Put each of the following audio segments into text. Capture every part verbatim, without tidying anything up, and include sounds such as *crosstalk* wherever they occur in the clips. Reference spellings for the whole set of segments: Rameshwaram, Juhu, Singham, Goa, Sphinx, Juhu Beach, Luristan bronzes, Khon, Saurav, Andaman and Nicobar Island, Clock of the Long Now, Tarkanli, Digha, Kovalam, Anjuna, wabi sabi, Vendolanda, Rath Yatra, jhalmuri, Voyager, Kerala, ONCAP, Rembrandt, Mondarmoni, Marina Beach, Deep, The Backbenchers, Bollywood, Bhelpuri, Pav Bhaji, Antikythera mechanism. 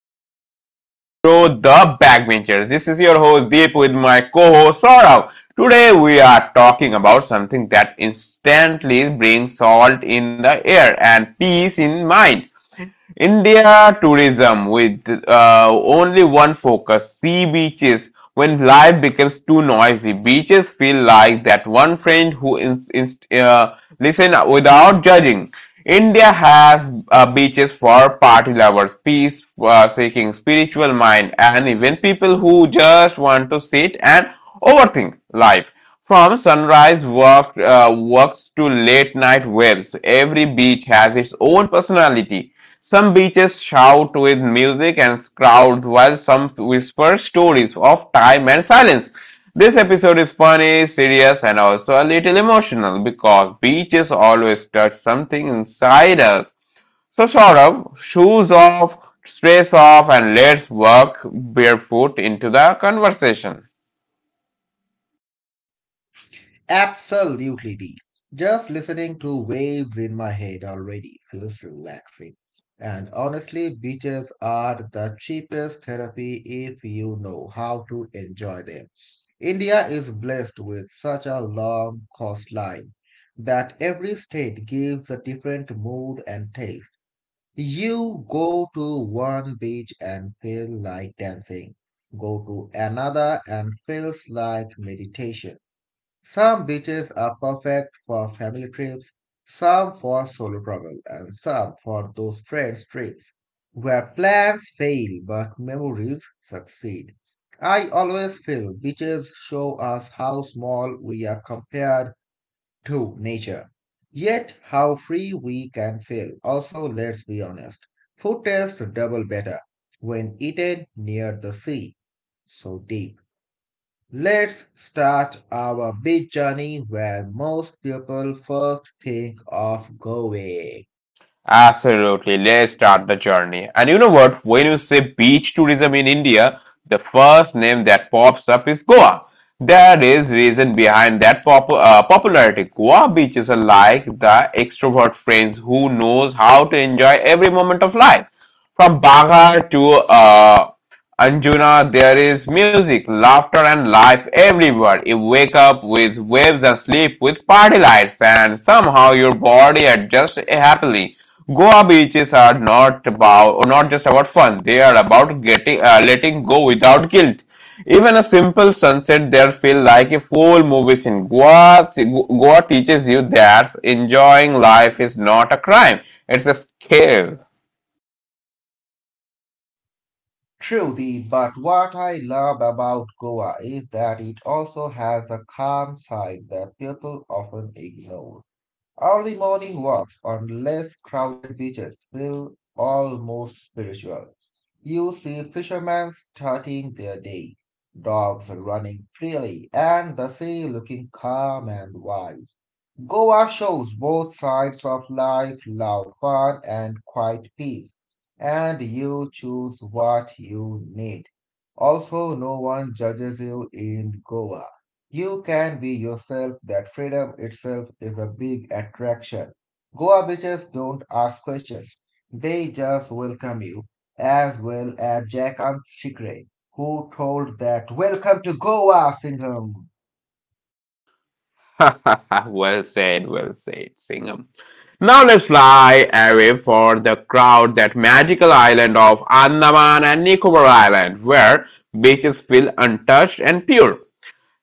our listeners in our show, The Backbenchers. This is your host Deep with my co-host Saurav. Today we are talking about something that instantly brings salt in the air and peace in mind. India tourism with uh, only one focus sea beaches. When life becomes too noisy, beaches feel like that one friend who ins- inst- uh, listen without judging. India has uh, beaches for party lovers, peace uh, seeking, spiritual mind, and even people who just want to sit and overthink life. From sunrise work, uh, works to late night waves, every beach has its own personality. Some beaches shout with music and crowds, while some whisper stories of time and silence. This episode is funny, serious, and also a little emotional because beaches always touch something inside us. So, Saurabh, shoes off, stress off, and let's walk barefoot into the conversation. Absolutely deep. Just listening to waves in my head already feels relaxing. And honestly, beaches are the cheapest therapy if you know how to enjoy them. India is blessed with such a long coastline that every state gives a different mood and taste. You go to one beach and feel like dancing, go to another and feels like meditation. Some beaches are perfect for family trips, some for solo travel, and some for those friends trips where plans fail but memories succeed. I always feel beaches show us how small we are compared to nature, yet how free we can feel. Also, let's be honest, food tastes double better when eaten near the sea, so deep. Let's start our big journey where most people first think of going. Absolutely. Let's start the journey. And you know what? When you say beach tourism in India, the first name that pops up is Goa. There is reason behind that pop- uh, popularity. Goa beaches are like the extrovert friends who knows how to enjoy every moment of life. From Bagar to uh, Anjuna, there is music, laughter, and life everywhere. You wake up with waves and sleep with party lights, and somehow your body adjusts happily. Goa beaches are not about not just about fun. They are about getting uh, letting go without guilt. Even a simple sunset there feel like a full movie scene. Goa Goa teaches you that enjoying life is not a crime. It's a skill. Truly, but what I love about Goa is that it also has a calm side that people often ignore. Early morning walks on less crowded beaches feel almost spiritual. You see fishermen starting their day, dogs running freely, and the sea looking calm and wise. Goa shows both sides of life, loud fun and quiet peace, and you choose what you need. Also, no one judges you in Goa. You can be yourself, that freedom itself is a big attraction. Goa beaches don't ask questions, they just welcome you, as well as Jack and Shikre, who told that welcome to Goa, Singham. *laughs* Well said, well said, Singham. Now let's fly away for the crowd that magical island of Andaman and Nicobar Island, where beaches feel untouched and pure.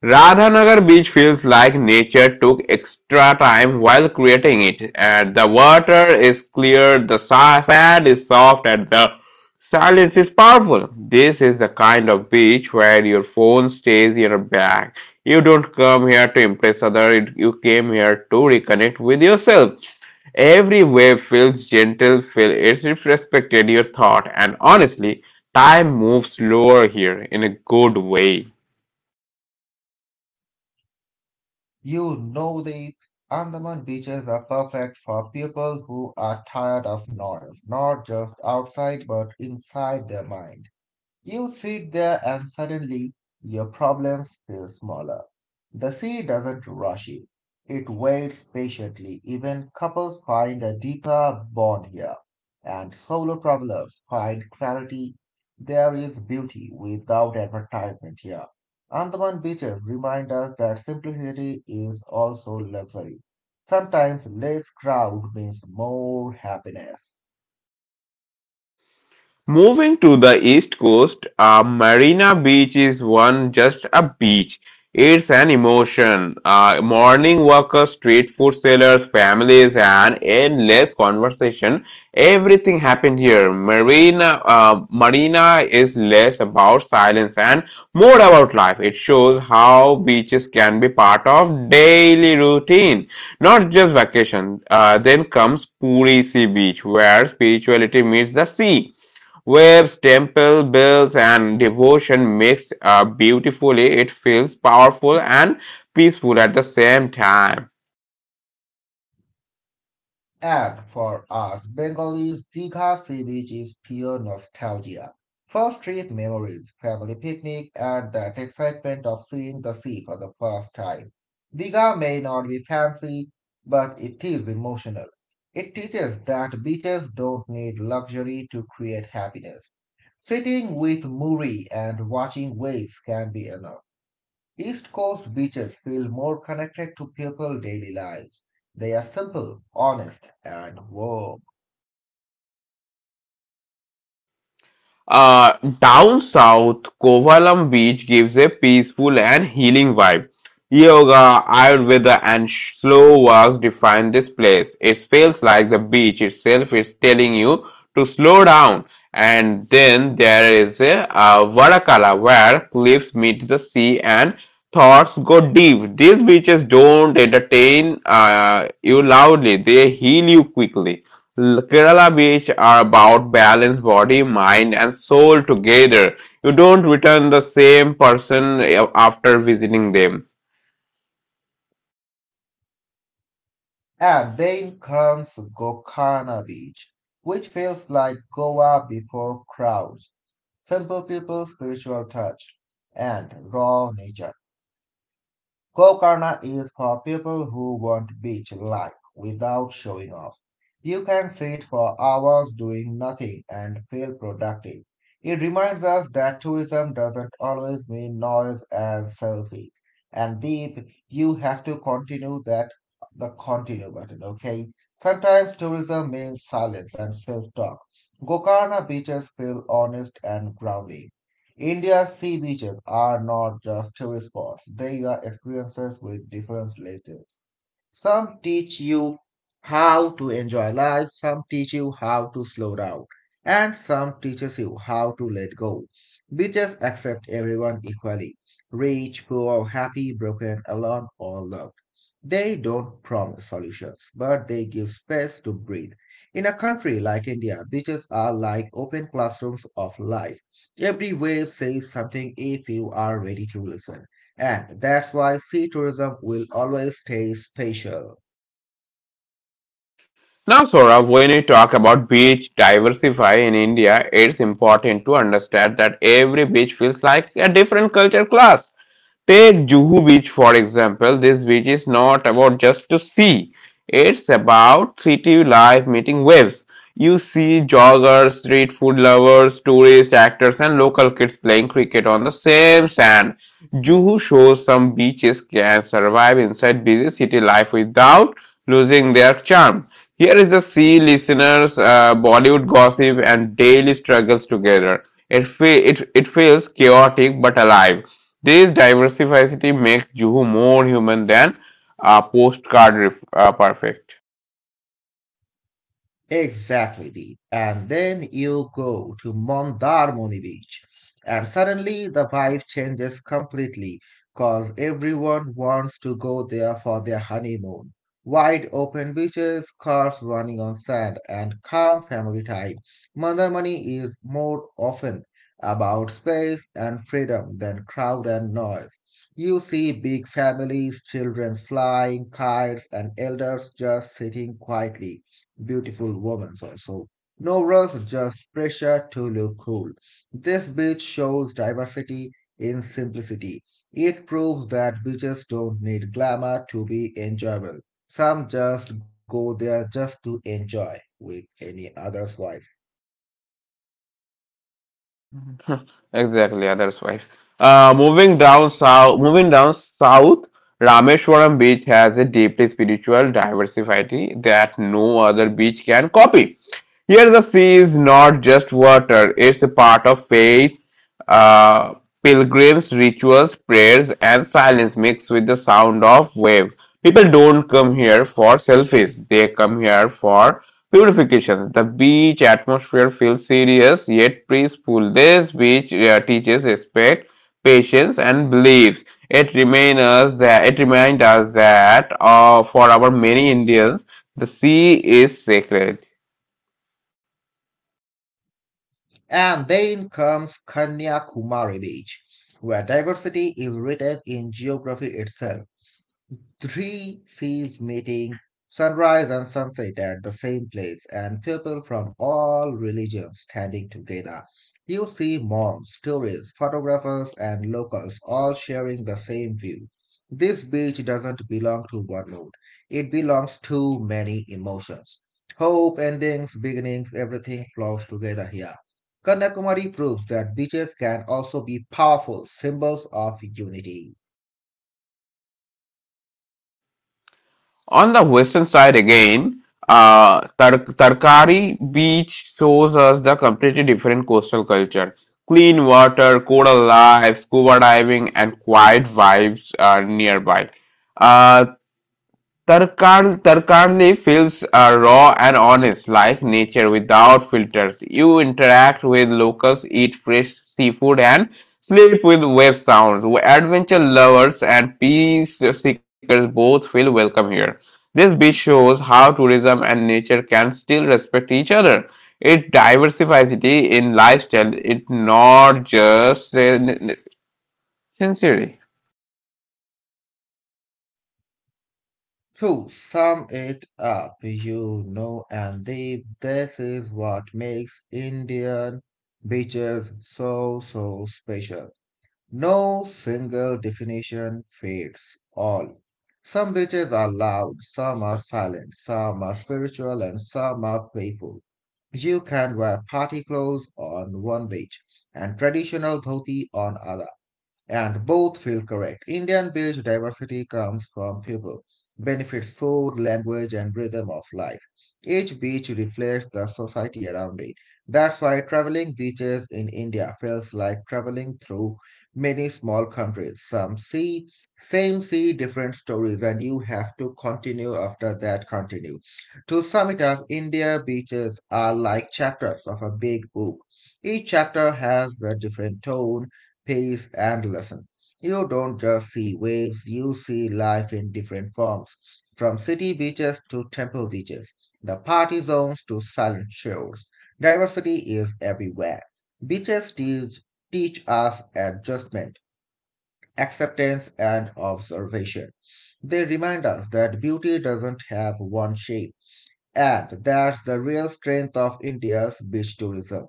Radhanagar beach feels like nature took extra time while creating it, and the water is clear, the sa- sand is soft, and the silence is powerful. This is the kind of beach where your phone stays in your bag. You don't come here to impress others, you came here to reconnect with yourself. Every wave feels gentle, feel it respected your thought, and honestly, time moves slower here in a good way. You know the Andaman beaches are perfect for people who are tired of noise, not just outside but inside their mind. You sit there and suddenly your problems feel smaller. The sea doesn't rush you. It waits patiently. Even couples find a deeper bond here, and solo travelers find clarity. There is beauty without advertisement here. Andaman beaches remind us that simplicity is also luxury. Sometimes less crowd means more happiness. Moving to the east coast, a Marina Beach is one just a beach. It's an emotion. Uh, morning workers, street food sellers, families, and endless conversation. Everything happened here. Marina, uh, Marina is less about silence and more about life. It shows how beaches can be part of daily routine, not just vacation. Uh, then comes Puri Sea Beach, where spirituality meets the sea. Waves, temple bells, and devotion mix up beautifully. It feels powerful and peaceful at the same time. And for us Bengalis, Dীঘা Sea Beach is pure nostalgia. First trip memories, family picnic, and that excitement of seeing the sea for the first time. Dīঘa may not be fancy, but it is emotional. It teaches that beaches don't need luxury to create happiness. Sitting with Muri and watching waves can be enough. East Coast beaches feel more connected to people's daily lives. They are simple, honest, and warm. Uh, down south, Kovalam Beach gives a peaceful and healing vibe. Yoga, Ayurveda, and slow walks define this place. It feels like the beach itself is telling you to slow down. And then there is a uh, Varakala where cliffs meet the sea and thoughts go deep. These beaches don't entertain uh, you loudly, they heal you quickly. Kerala beach are about balance body, mind, and soul together. You don't return the same person eh, after visiting them. And then comes Gokana Beach, which feels like Goa before crowds. Simple people, spiritual touch, and raw nature. Gokarna is for people who want beach life without showing off. You can sit for hours doing nothing and feel productive. It reminds us that tourism doesn't always mean noise and selfies. And deep, you have to continue that the continue button, okay? Sometimes tourism means silence and self-talk. Gokarna beaches feel honest and grounding. India's sea beaches are not just tourist spots, they are experiences with different layers. Some teach you how to enjoy life, some teach you how to slow down, and some teaches you how to let go. Beaches accept everyone equally, rich, poor, happy, broken, alone, or loved. They don't promise solutions, but they give space to breathe. In a country like India, beaches are like open classrooms of life. Every wave says something if you are ready to listen. And that's why sea tourism will always stay special. Now, Saurabh, when we talk about beach diversify in India, it's important to understand that every beach feels like a different culture class. Take Juhu Beach for example. This beach is not about just to see. It's about city life meeting waves. You see joggers, street food lovers, tourists, actors, and local kids playing cricket on the same sand. Juhu shows some beaches can survive inside busy city life without losing their charm. Here is the sea listeners, uh, Bollywood gossip and daily struggles together. It, fe- it, it feels chaotic but alive. This diversity makes Juhu more human than a postcard ref- uh, perfect. Exactly, Deep. And then you go to Mondarmoni Beach, and suddenly the vibe changes completely because everyone wants to go there for their honeymoon. Wide open beaches, cars running on sand, and calm family time. Mondarmani is more often about space and freedom than crowd and noise. You see big families, children flying kites, and elders just sitting quietly, beautiful wovens also. No rush, just pressure to look cool. This beach shows diversity in simplicity. It proves that beaches don't need glamour to be enjoyable. Some just go there just to enjoy with any other's wife. Exactly, other's wife. Right. Uh, moving down south, moving down south, Rameshwaram beach has a deeply spiritual diversity that no other beach can copy. Here, the sea is not just water; it's a part of faith, uh, pilgrims, rituals, prayers, and silence mixed with the sound of wave. People don't come here for selfies; they come here for purification. The beach atmosphere feels serious, yet peaceful. This beach uh, teaches respect, patience, and beliefs. It reminds us that it reminds us that uh, for our many Indians, the sea is sacred. And then comes Kanyakumari Beach, where diversity is written in geography itself. Three seas meeting, sunrise and sunset at the same place, and people from all religions standing together. You see monks, tourists, photographers, and locals all sharing the same view. This beach doesn't belong to one mood, it belongs to many emotions. Hope, endings, beginnings, everything flows together here. Kanyakumari proves that beaches can also be powerful symbols of unity. On the western side again, uh, Tar- Tarkari Beach shows us the completely different coastal culture. Clean water, coral life, scuba diving, and quiet vibes are nearby. Uh, Tarkan, Tarkanli feels uh, raw and honest, like nature without filters. You interact with locals, eat fresh seafood, and sleep with wave sounds. Adventure lovers and peace seekers both feel welcome here. This beach shows how tourism and nature can still respect each other. It diversifies it in lifestyle. It's not just uh, sincerely. To sum it up, you know, and deep, this is what makes Indian beaches so, so special. No single definition fits all. Some beaches are loud, some are silent, some are spiritual, and some are playful. You can wear party clothes on one beach and traditional dhoti on other and both feel correct. Indian beach diversity comes from people, benefits food, language, and rhythm of life. Each beach reflects the society around it. That's why traveling beaches in India feels like traveling through many small countries. Some see, same see different stories, and you have to continue after that continue. To sum it up, India beaches are like chapters of a big book. Each chapter has a different tone, pace, and lesson. You don't just see waves, you see life in different forms, from city beaches to temple beaches, the party zones to silent shores. Diversity is everywhere. Beaches teach, teach us adjustment, acceptance, and observation. They remind us that beauty doesn't have one shape, and that's the real strength of India's beach tourism.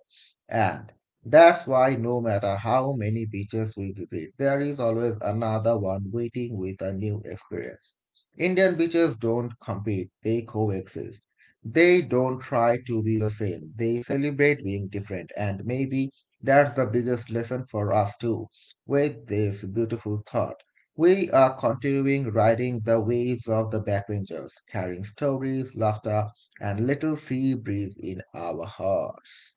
And that's why, no matter how many beaches we visit, there is always another one waiting with a new experience. Indian beaches don't compete, they coexist. They don't try to be the same, they celebrate being different. And maybe that's the biggest lesson for us too. With this beautiful thought, we are continuing riding the waves of the backbenchers, carrying stories, laughter, and little sea breeze in our hearts.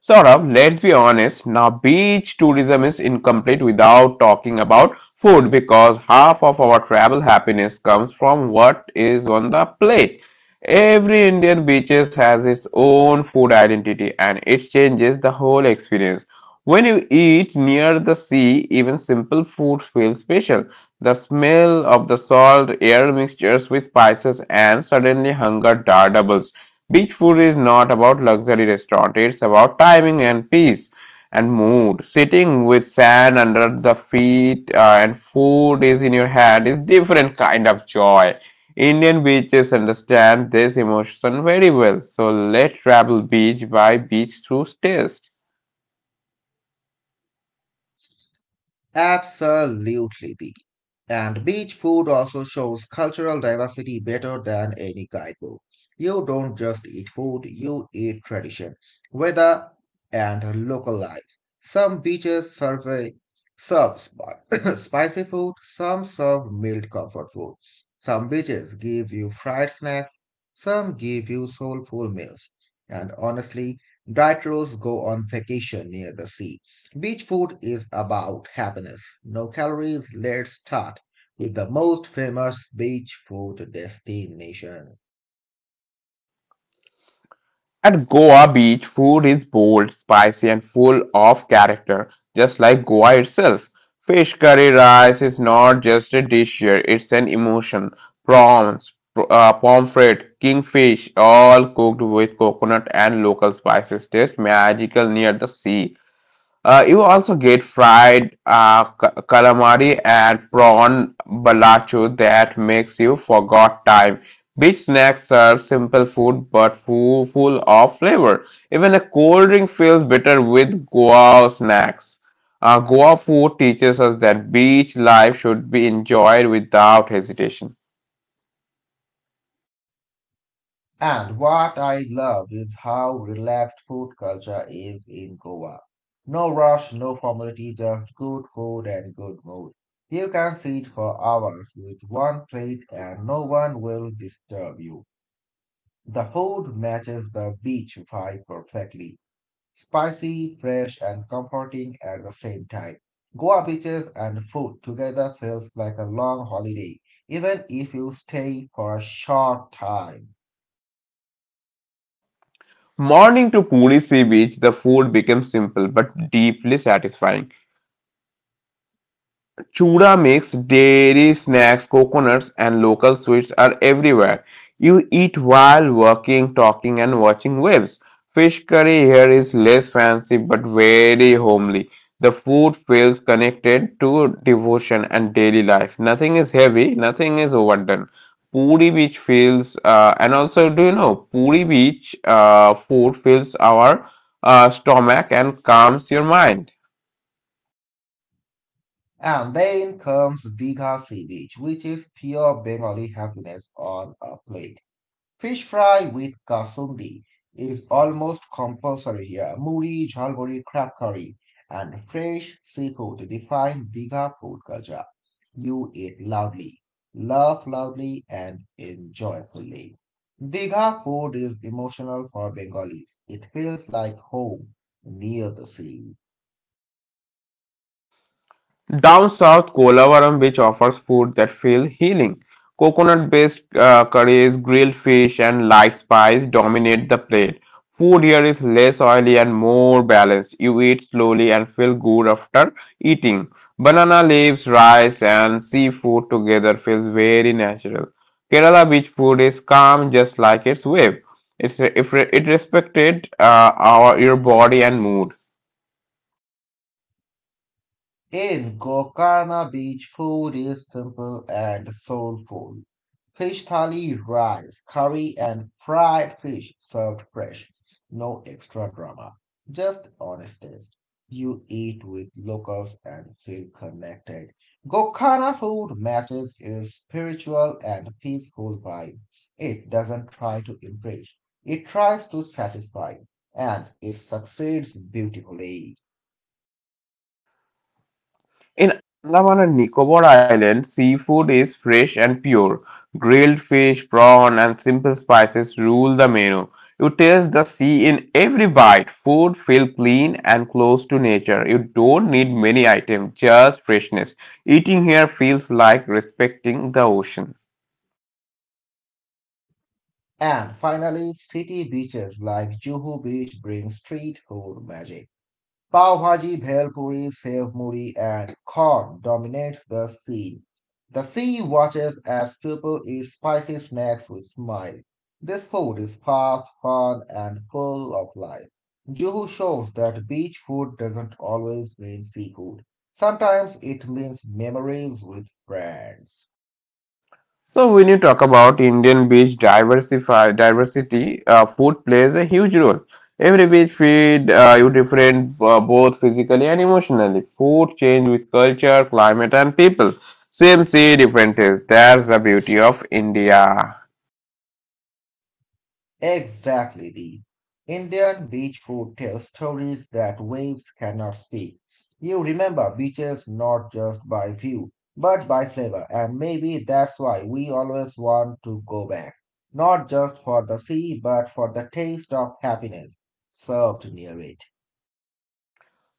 Saurabh, let's be honest. Now, beach tourism is incomplete without talking about food because half of our travel happiness comes from what is on the plate. Every Indian beaches has its own food identity and it changes the whole experience. When you eat near the sea, even simple food feels special. The smell of the salt air mixtures with spices and suddenly hunger doubles. Beach food is not about luxury restaurant, it's about timing and peace and mood. Sitting with sand under the feet uh, and food is in your hand is different kind of joy. Indian beaches understand this emotion very well. So let travel beach by beach through taste. Absolutely. And beach food also shows cultural diversity better than any guidebook. You don't just eat food, you eat tradition, weather, and local life. Some beaches survey, serve spi- *coughs* *clears throat* spicy food, some serve mild comfort food. Some beaches give you fried snacks, some give you soulful meals. And honestly, dieters go on vacation near the sea. Beach food is about happiness. No calories, let's start is the most famous beach food destination. At Goa Beach, food is bold, spicy, and full of character, just like Goa itself. Fish curry rice is not just a dish here, it's an emotion. Prawns, pr- uh, pomfret, kingfish, all cooked with coconut and local spices, taste magical near the sea. Uh, you also get fried uh, ca- calamari and prawn balachu that makes you forgot time. Beach snacks serve simple food but full, full of flavor. Even a cold drink feels better with Goa snacks. Uh, Goa food teaches us that beach life should be enjoyed without hesitation. And what I love is how relaxed food culture is in Goa. No rush, no formality, just good food and good mood. You can sit for hours with one plate and no one will disturb you. The food matches the beach vibe perfectly. Spicy, fresh, and comforting at the same time. Goa beaches and food together feels like a long holiday, even if you stay for a short time. Morning to Puri Sea Beach, the food becomes simple but deeply satisfying. Chura mix, dairy snacks, coconuts, and local sweets are everywhere. You eat while working, talking, and watching waves. Fish curry here is less fancy but very homely. The food feels connected to devotion and daily life. Nothing is heavy, nothing is overdone. Puri beach feels, uh, and also, Do you know, Puri beach uh, food fills our uh, stomach and calms your mind. And then comes Digha Sea Beach, which is pure Bengali happiness on a plate. Fish fry with kasundi is almost compulsory here. Muri, jhalmuri, crab curry, and fresh seafood define Diga food culture. You eat loudly, laugh loudly, and enjoy fully. Diga food is emotional for Bengalis. It feels like home near the sea. Down south, Kolavaram beach offers food that feel healing. Coconut-based uh, curries, grilled fish, and light spice dominate the plate. Food here is less oily and more balanced. You eat slowly and feel good after eating. Banana leaves, rice, and seafood together feels very natural. Kerala beach food is calm, just like its wave. It's, it respected uh, our, your body and mood. In Gokana, beach food is simple and soulful. Fish thali, rice, curry, and fried fish served fresh. No extra drama, just honest taste. You eat with locals and feel connected. Gokana food matches its spiritual and peaceful vibe. It doesn't try to impress, it tries to satisfy, and it succeeds beautifully. In Andaman and Nicobar Island, seafood is fresh and pure. Grilled fish, prawn, and simple spices rule the menu. You taste the sea in every bite. Food feel clean and close to nature. You don't need many items, just freshness. Eating here feels like respecting the ocean. And finally, city beaches like Juhu Beach bring street food magic. Pav Bhaji, Bhelpuri, Sev Muri, and Khon dominates the scene. The sea watches as people eat spicy snacks with smile. This food is fast, fun, and full of life. Juhu shows that beach food doesn't always mean seafood. Sometimes it means memories with friends. So when you talk about Indian beach diversify diversity, uh, food plays a huge role. Every beach feed uh, you different uh, both physically and emotionally. Food change with culture, climate, and people. Same sea, different taste. That's the beauty of India. Exactly. The Indian beach food tells stories that waves cannot speak. You remember beaches not just by view, but by flavor, and maybe that's why we always want to go back. Not just for the sea, but for the taste of happiness served near it.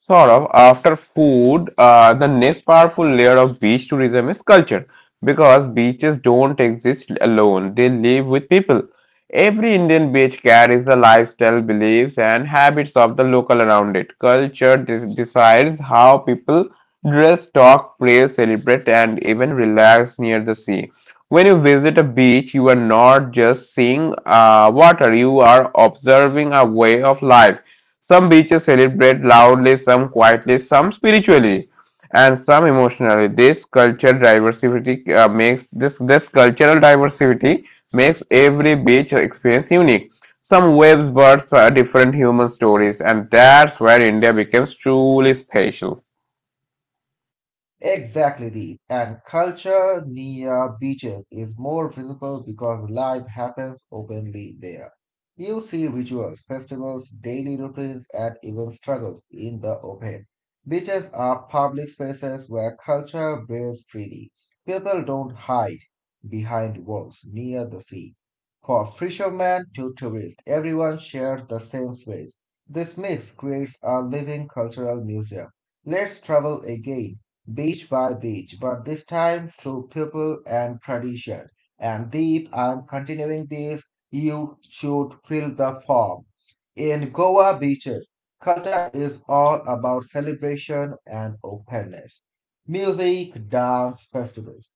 Saurabh, after food, uh, the next powerful layer of beach tourism is culture because beaches don't exist alone, they live with people. Every Indian beach carries the lifestyle, beliefs, and habits of the local around it. Culture de- decides how people dress, talk, pray, celebrate, and even relax near the sea. When you visit a beach, you are not just seeing uh, water, you are observing a way of life. Some beaches celebrate loudly, some quietly, some spiritually, and some emotionally. This cultural diversity uh, makes this this cultural diversity makes every beach experience unique. Some waves, birds, uh, different human stories, and that's where India becomes truly special. Exactly, the And culture near beaches is more visible because life happens openly there. You see rituals, festivals, daily routines, and even struggles in the open. Beaches are public spaces where culture breathes freely. People don't hide behind walls near the sea. For fishermen to tourists, everyone shares the same space. This mix creates a living cultural museum. Let's travel again beach by beach, but this time through people and tradition. And Deep, I'm continuing this. You should fill the form. In Goa beaches, culture is all about celebration and openness. Music, dance, festivals,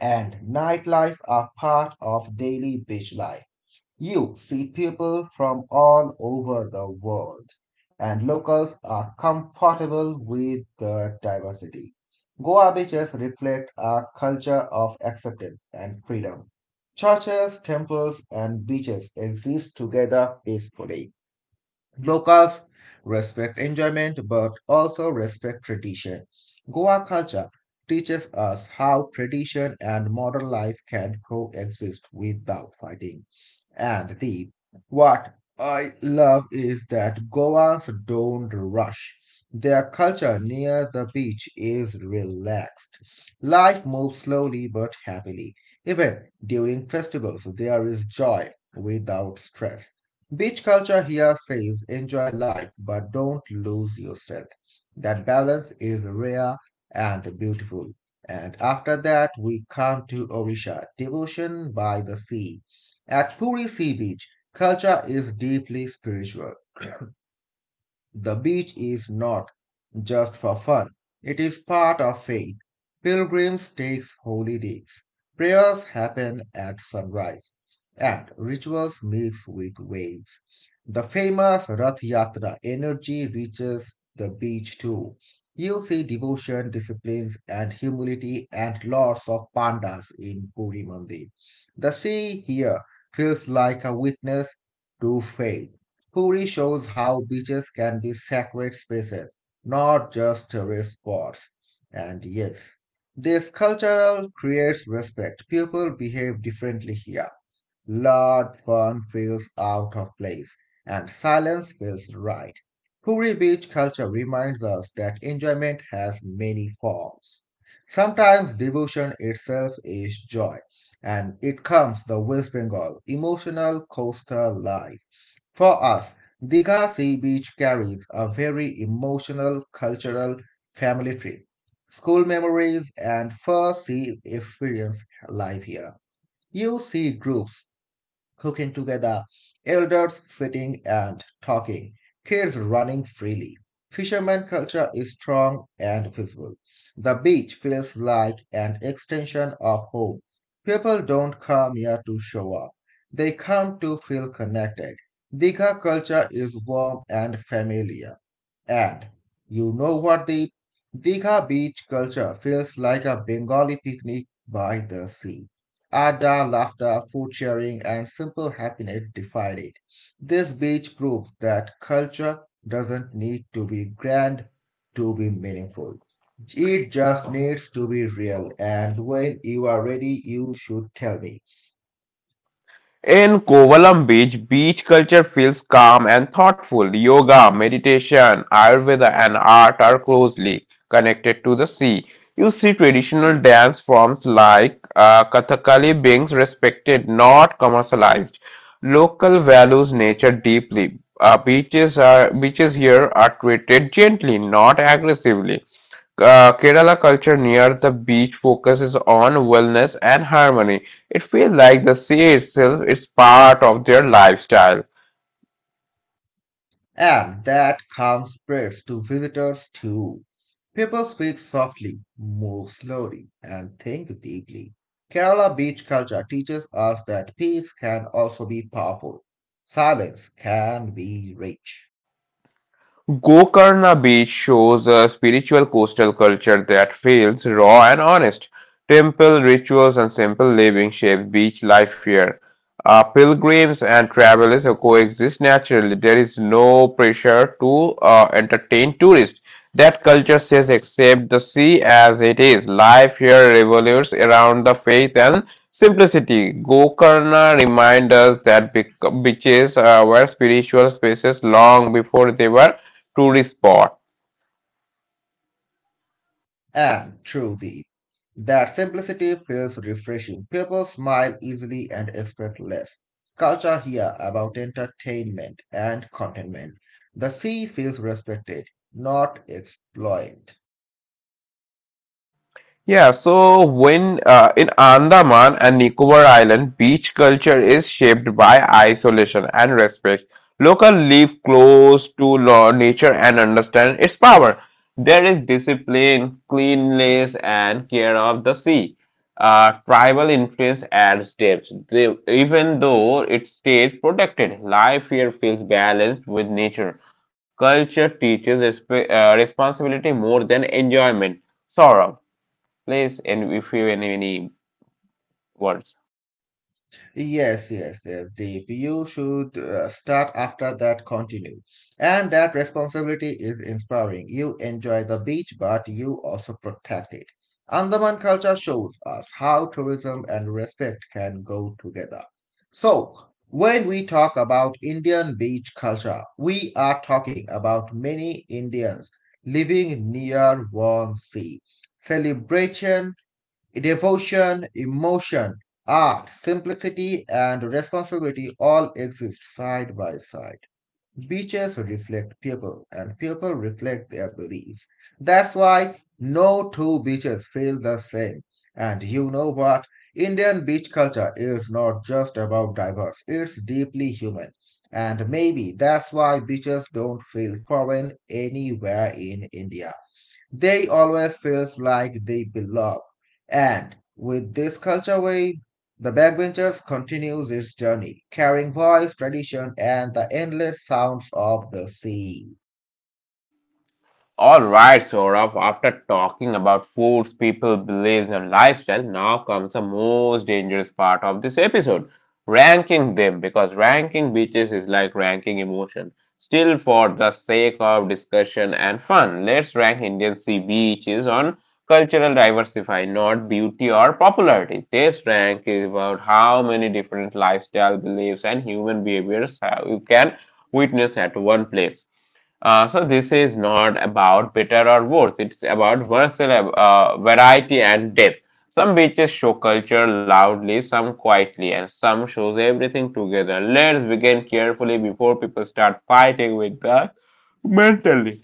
and nightlife are part of daily beach life. You see people from all over the world, and locals are comfortable with the diversity. Goa beaches reflect a culture of acceptance and freedom. Churches, temples, and beaches exist together peacefully. Locals respect enjoyment but also respect tradition. Goa culture teaches us how tradition and modern life can coexist without fighting. And the what I love is that Goans don't rush. Their culture near the beach is relaxed. Life moves slowly but happily. Even during festivals, there is joy without stress. Beach culture here says enjoy life but don't lose yourself. That balance is rare and beautiful. And after that, we come to Orisha, devotion by the sea. At Puri Sea Beach, culture is deeply spiritual. The beach is not just for fun. It is part of faith. Pilgrims take holy days. Prayers happen at sunrise, and rituals mix with waves. The famous Rath Yatra energy reaches the beach too. You see devotion, disciplines, and humility, and lots of pandas in Puri Mandir. The sea here feels like a witness to faith. Puri shows how beaches can be sacred spaces, not just tourist spots. And yes, this cultural creates respect. People behave differently here. Loud fun feels out of place, and silence feels right. Puri Beach culture reminds us that enjoyment has many forms. Sometimes devotion itself is joy, and it comes the West Bengal emotional coastal life. For us, Diga Sea Beach carries a very emotional, cultural family trip. School memories and first sea experience live here. You see groups cooking together, elders sitting and talking, kids running freely. Fisherman culture is strong and visible. The beach feels like an extension of home. People don't come here to show off. They come to feel connected. Diga culture is warm and familiar. And you know what, the Digha beach culture feels like a Bengali picnic by the sea. Ada, laughter, food sharing, and simple happiness define it. This beach proves that culture doesn't need to be grand to be meaningful. It just needs to be real, and when you are ready, you should tell me. In Kovalam Beach, beach culture feels calm and thoughtful. Yoga, meditation, Ayurveda, and art are closely connected to the sea. You see traditional dance forms like uh, Kathakali being respected, not commercialized. Local values nature deeply. Uh, beaches are beaches here are treated gently, not aggressively. Uh, Kerala culture near the beach focuses on wellness and harmony. It feels like the sea itself is part of their lifestyle. And that calm spreads to visitors too. People speak softly, move slowly, and think deeply. Kerala beach culture teaches us that peace can also be powerful, silence can be rich, Gokarna Beach shows a spiritual coastal culture that feels raw and honest. Temple rituals and simple living shape beach life here. Uh, pilgrims and travelers coexist naturally. There is no pressure to uh, entertain tourists. That culture says accept the sea as it is. Life here revolves around the faith and simplicity. Gokarna reminds us that bec- beaches uh, were spiritual spaces long before they were tourist spot. and true. That simplicity feels refreshing. People smile easily and expect less. Culture here about entertainment and contentment. The sea feels respected, not exploited. Yeah, so when uh, in Andaman and Nicobar Island, beach culture is shaped by isolation and respect. Local live close to law, nature and understand its power. There is discipline, cleanliness, and care of the sea. Uh, tribal influence adds depth. They, even though it stays protected, life here feels balanced with nature. Culture teaches resp- uh, responsibility more than enjoyment. Sorrow place and if you have any, words. Yes, yes, yes, Deep. You should uh, start after that, continue. And that responsibility is inspiring. You enjoy the beach, but you also protect it. Andaman culture shows us how tourism and respect can go together. So, when we talk about Indian beach culture, we are talking about many Indians living near one sea. Celebration, devotion, emotion, art, simplicity, and responsibility all exist side by side. Beaches reflect people, and people reflect their beliefs. That's why no two beaches feel the same. And you know what? Indian beach culture is not just about diverse, it's deeply human. And maybe that's why beaches don't feel foreign anywhere in India. They always feels like they belong. And with this culture wave, the backbenchers continues its journey, carrying voice, tradition, and the endless sounds of the sea. All right, Saurabh, after talking about foods, people, beliefs, and lifestyle, now comes the most dangerous part of this episode ranking them. Because ranking beaches is like ranking emotion. Still, for the sake of discussion and fun, let's rank Indian sea beaches on cultural diversify, not beauty or popularity. This rank is about how many different lifestyle beliefs and human behaviors uh, you can witness at one place. Uh, so this is not about better or worse. It's about versatile uh, variety and depth. Some beaches show culture loudly, some quietly, and some shows everything together. Let's begin carefully before people start fighting with that mentally.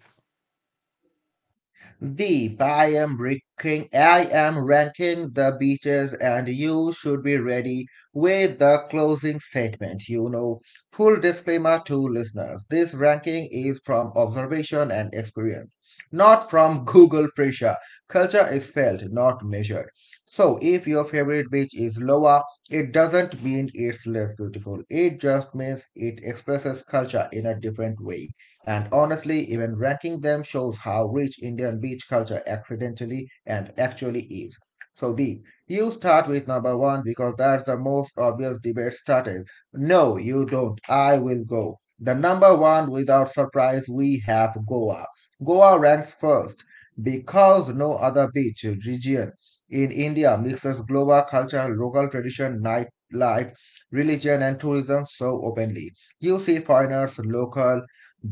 Deep, I am ranking, I am ranking the beaches, and you should be ready with the closing statement. You know, full disclaimer to listeners: this ranking is from observation and experience, not from *laughs* Google pressure. Culture is felt, not measured. So, if your favorite beach is lower, it doesn't mean it's less beautiful. It just means it expresses culture in a different way. And honestly, even ranking them shows how rich Indian beach culture accidentally and actually is. So Deep, you start with number one because that's the most obvious debate started. No, you don't. I will go. The number one, without surprise, we have Goa. Goa ranks first because no other beach region in India mixes global culture, local tradition, nightlife, religion, and tourism so openly. You see foreigners, local,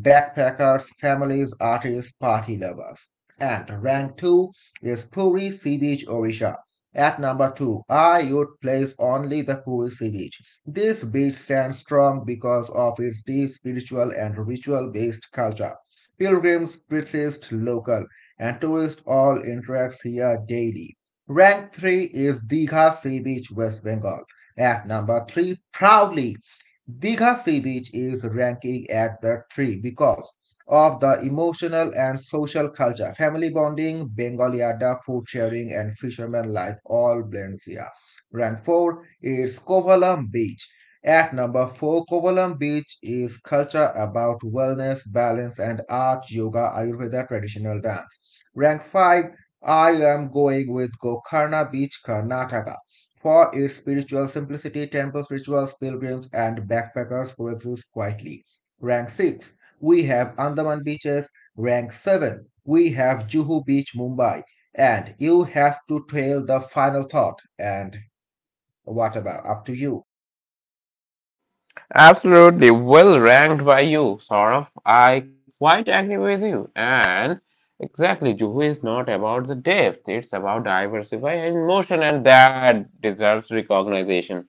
backpackers, families, artists, party lovers. And rank two is Puri Sea Beach, Orisha. At number two, I would place only the Puri Sea Beach. This beach stands strong because of its deep spiritual and ritual based culture. Pilgrims, priests, local, and tourists all interact here daily. Rank three is Digha Sea Beach, West Bengal. At number three, proudly Digha Sea Beach is ranking at the three because of the emotional and social culture, family bonding, Bengali Adda, food sharing, and fisherman life all blends here. Rank four is Kovalam Beach. At number four, Kovalam Beach is culture about wellness, balance, and art, yoga, Ayurveda, traditional dance. Rank five, I am going with Gokarna Beach, Karnataka. For its spiritual simplicity, temples, rituals, pilgrims, and backpackers coexist quietly. Rank six. We have Andaman beaches. Rank seven. We have Juhu Beach, Mumbai. And you have to trail the final thought. And what about? Up to you. Absolutely well ranked by you, Saurabh. I quite agree with you. And exactly, Juhu is not about the depth. It's about diversify and motion, and that deserves recognition.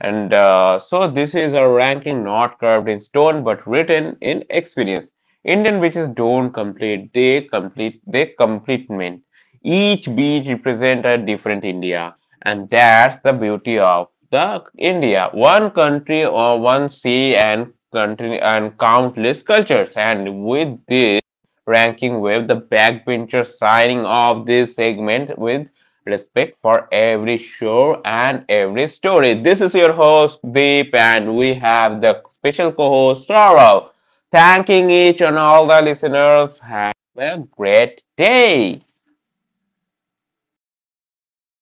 And uh, so this is a ranking not carved in stone but written in experience. Indian beaches don't complete, they complete, they complement. Each beach represents a different India. And that's the beauty of the India. One country or one sea and country and countless cultures. And with this ranking wave, the backbenchers signing off this segment with respect for every show and every story. This is your host, Deep, and we have the special co host, Saurav. Thanking each and all the listeners. Have a great day.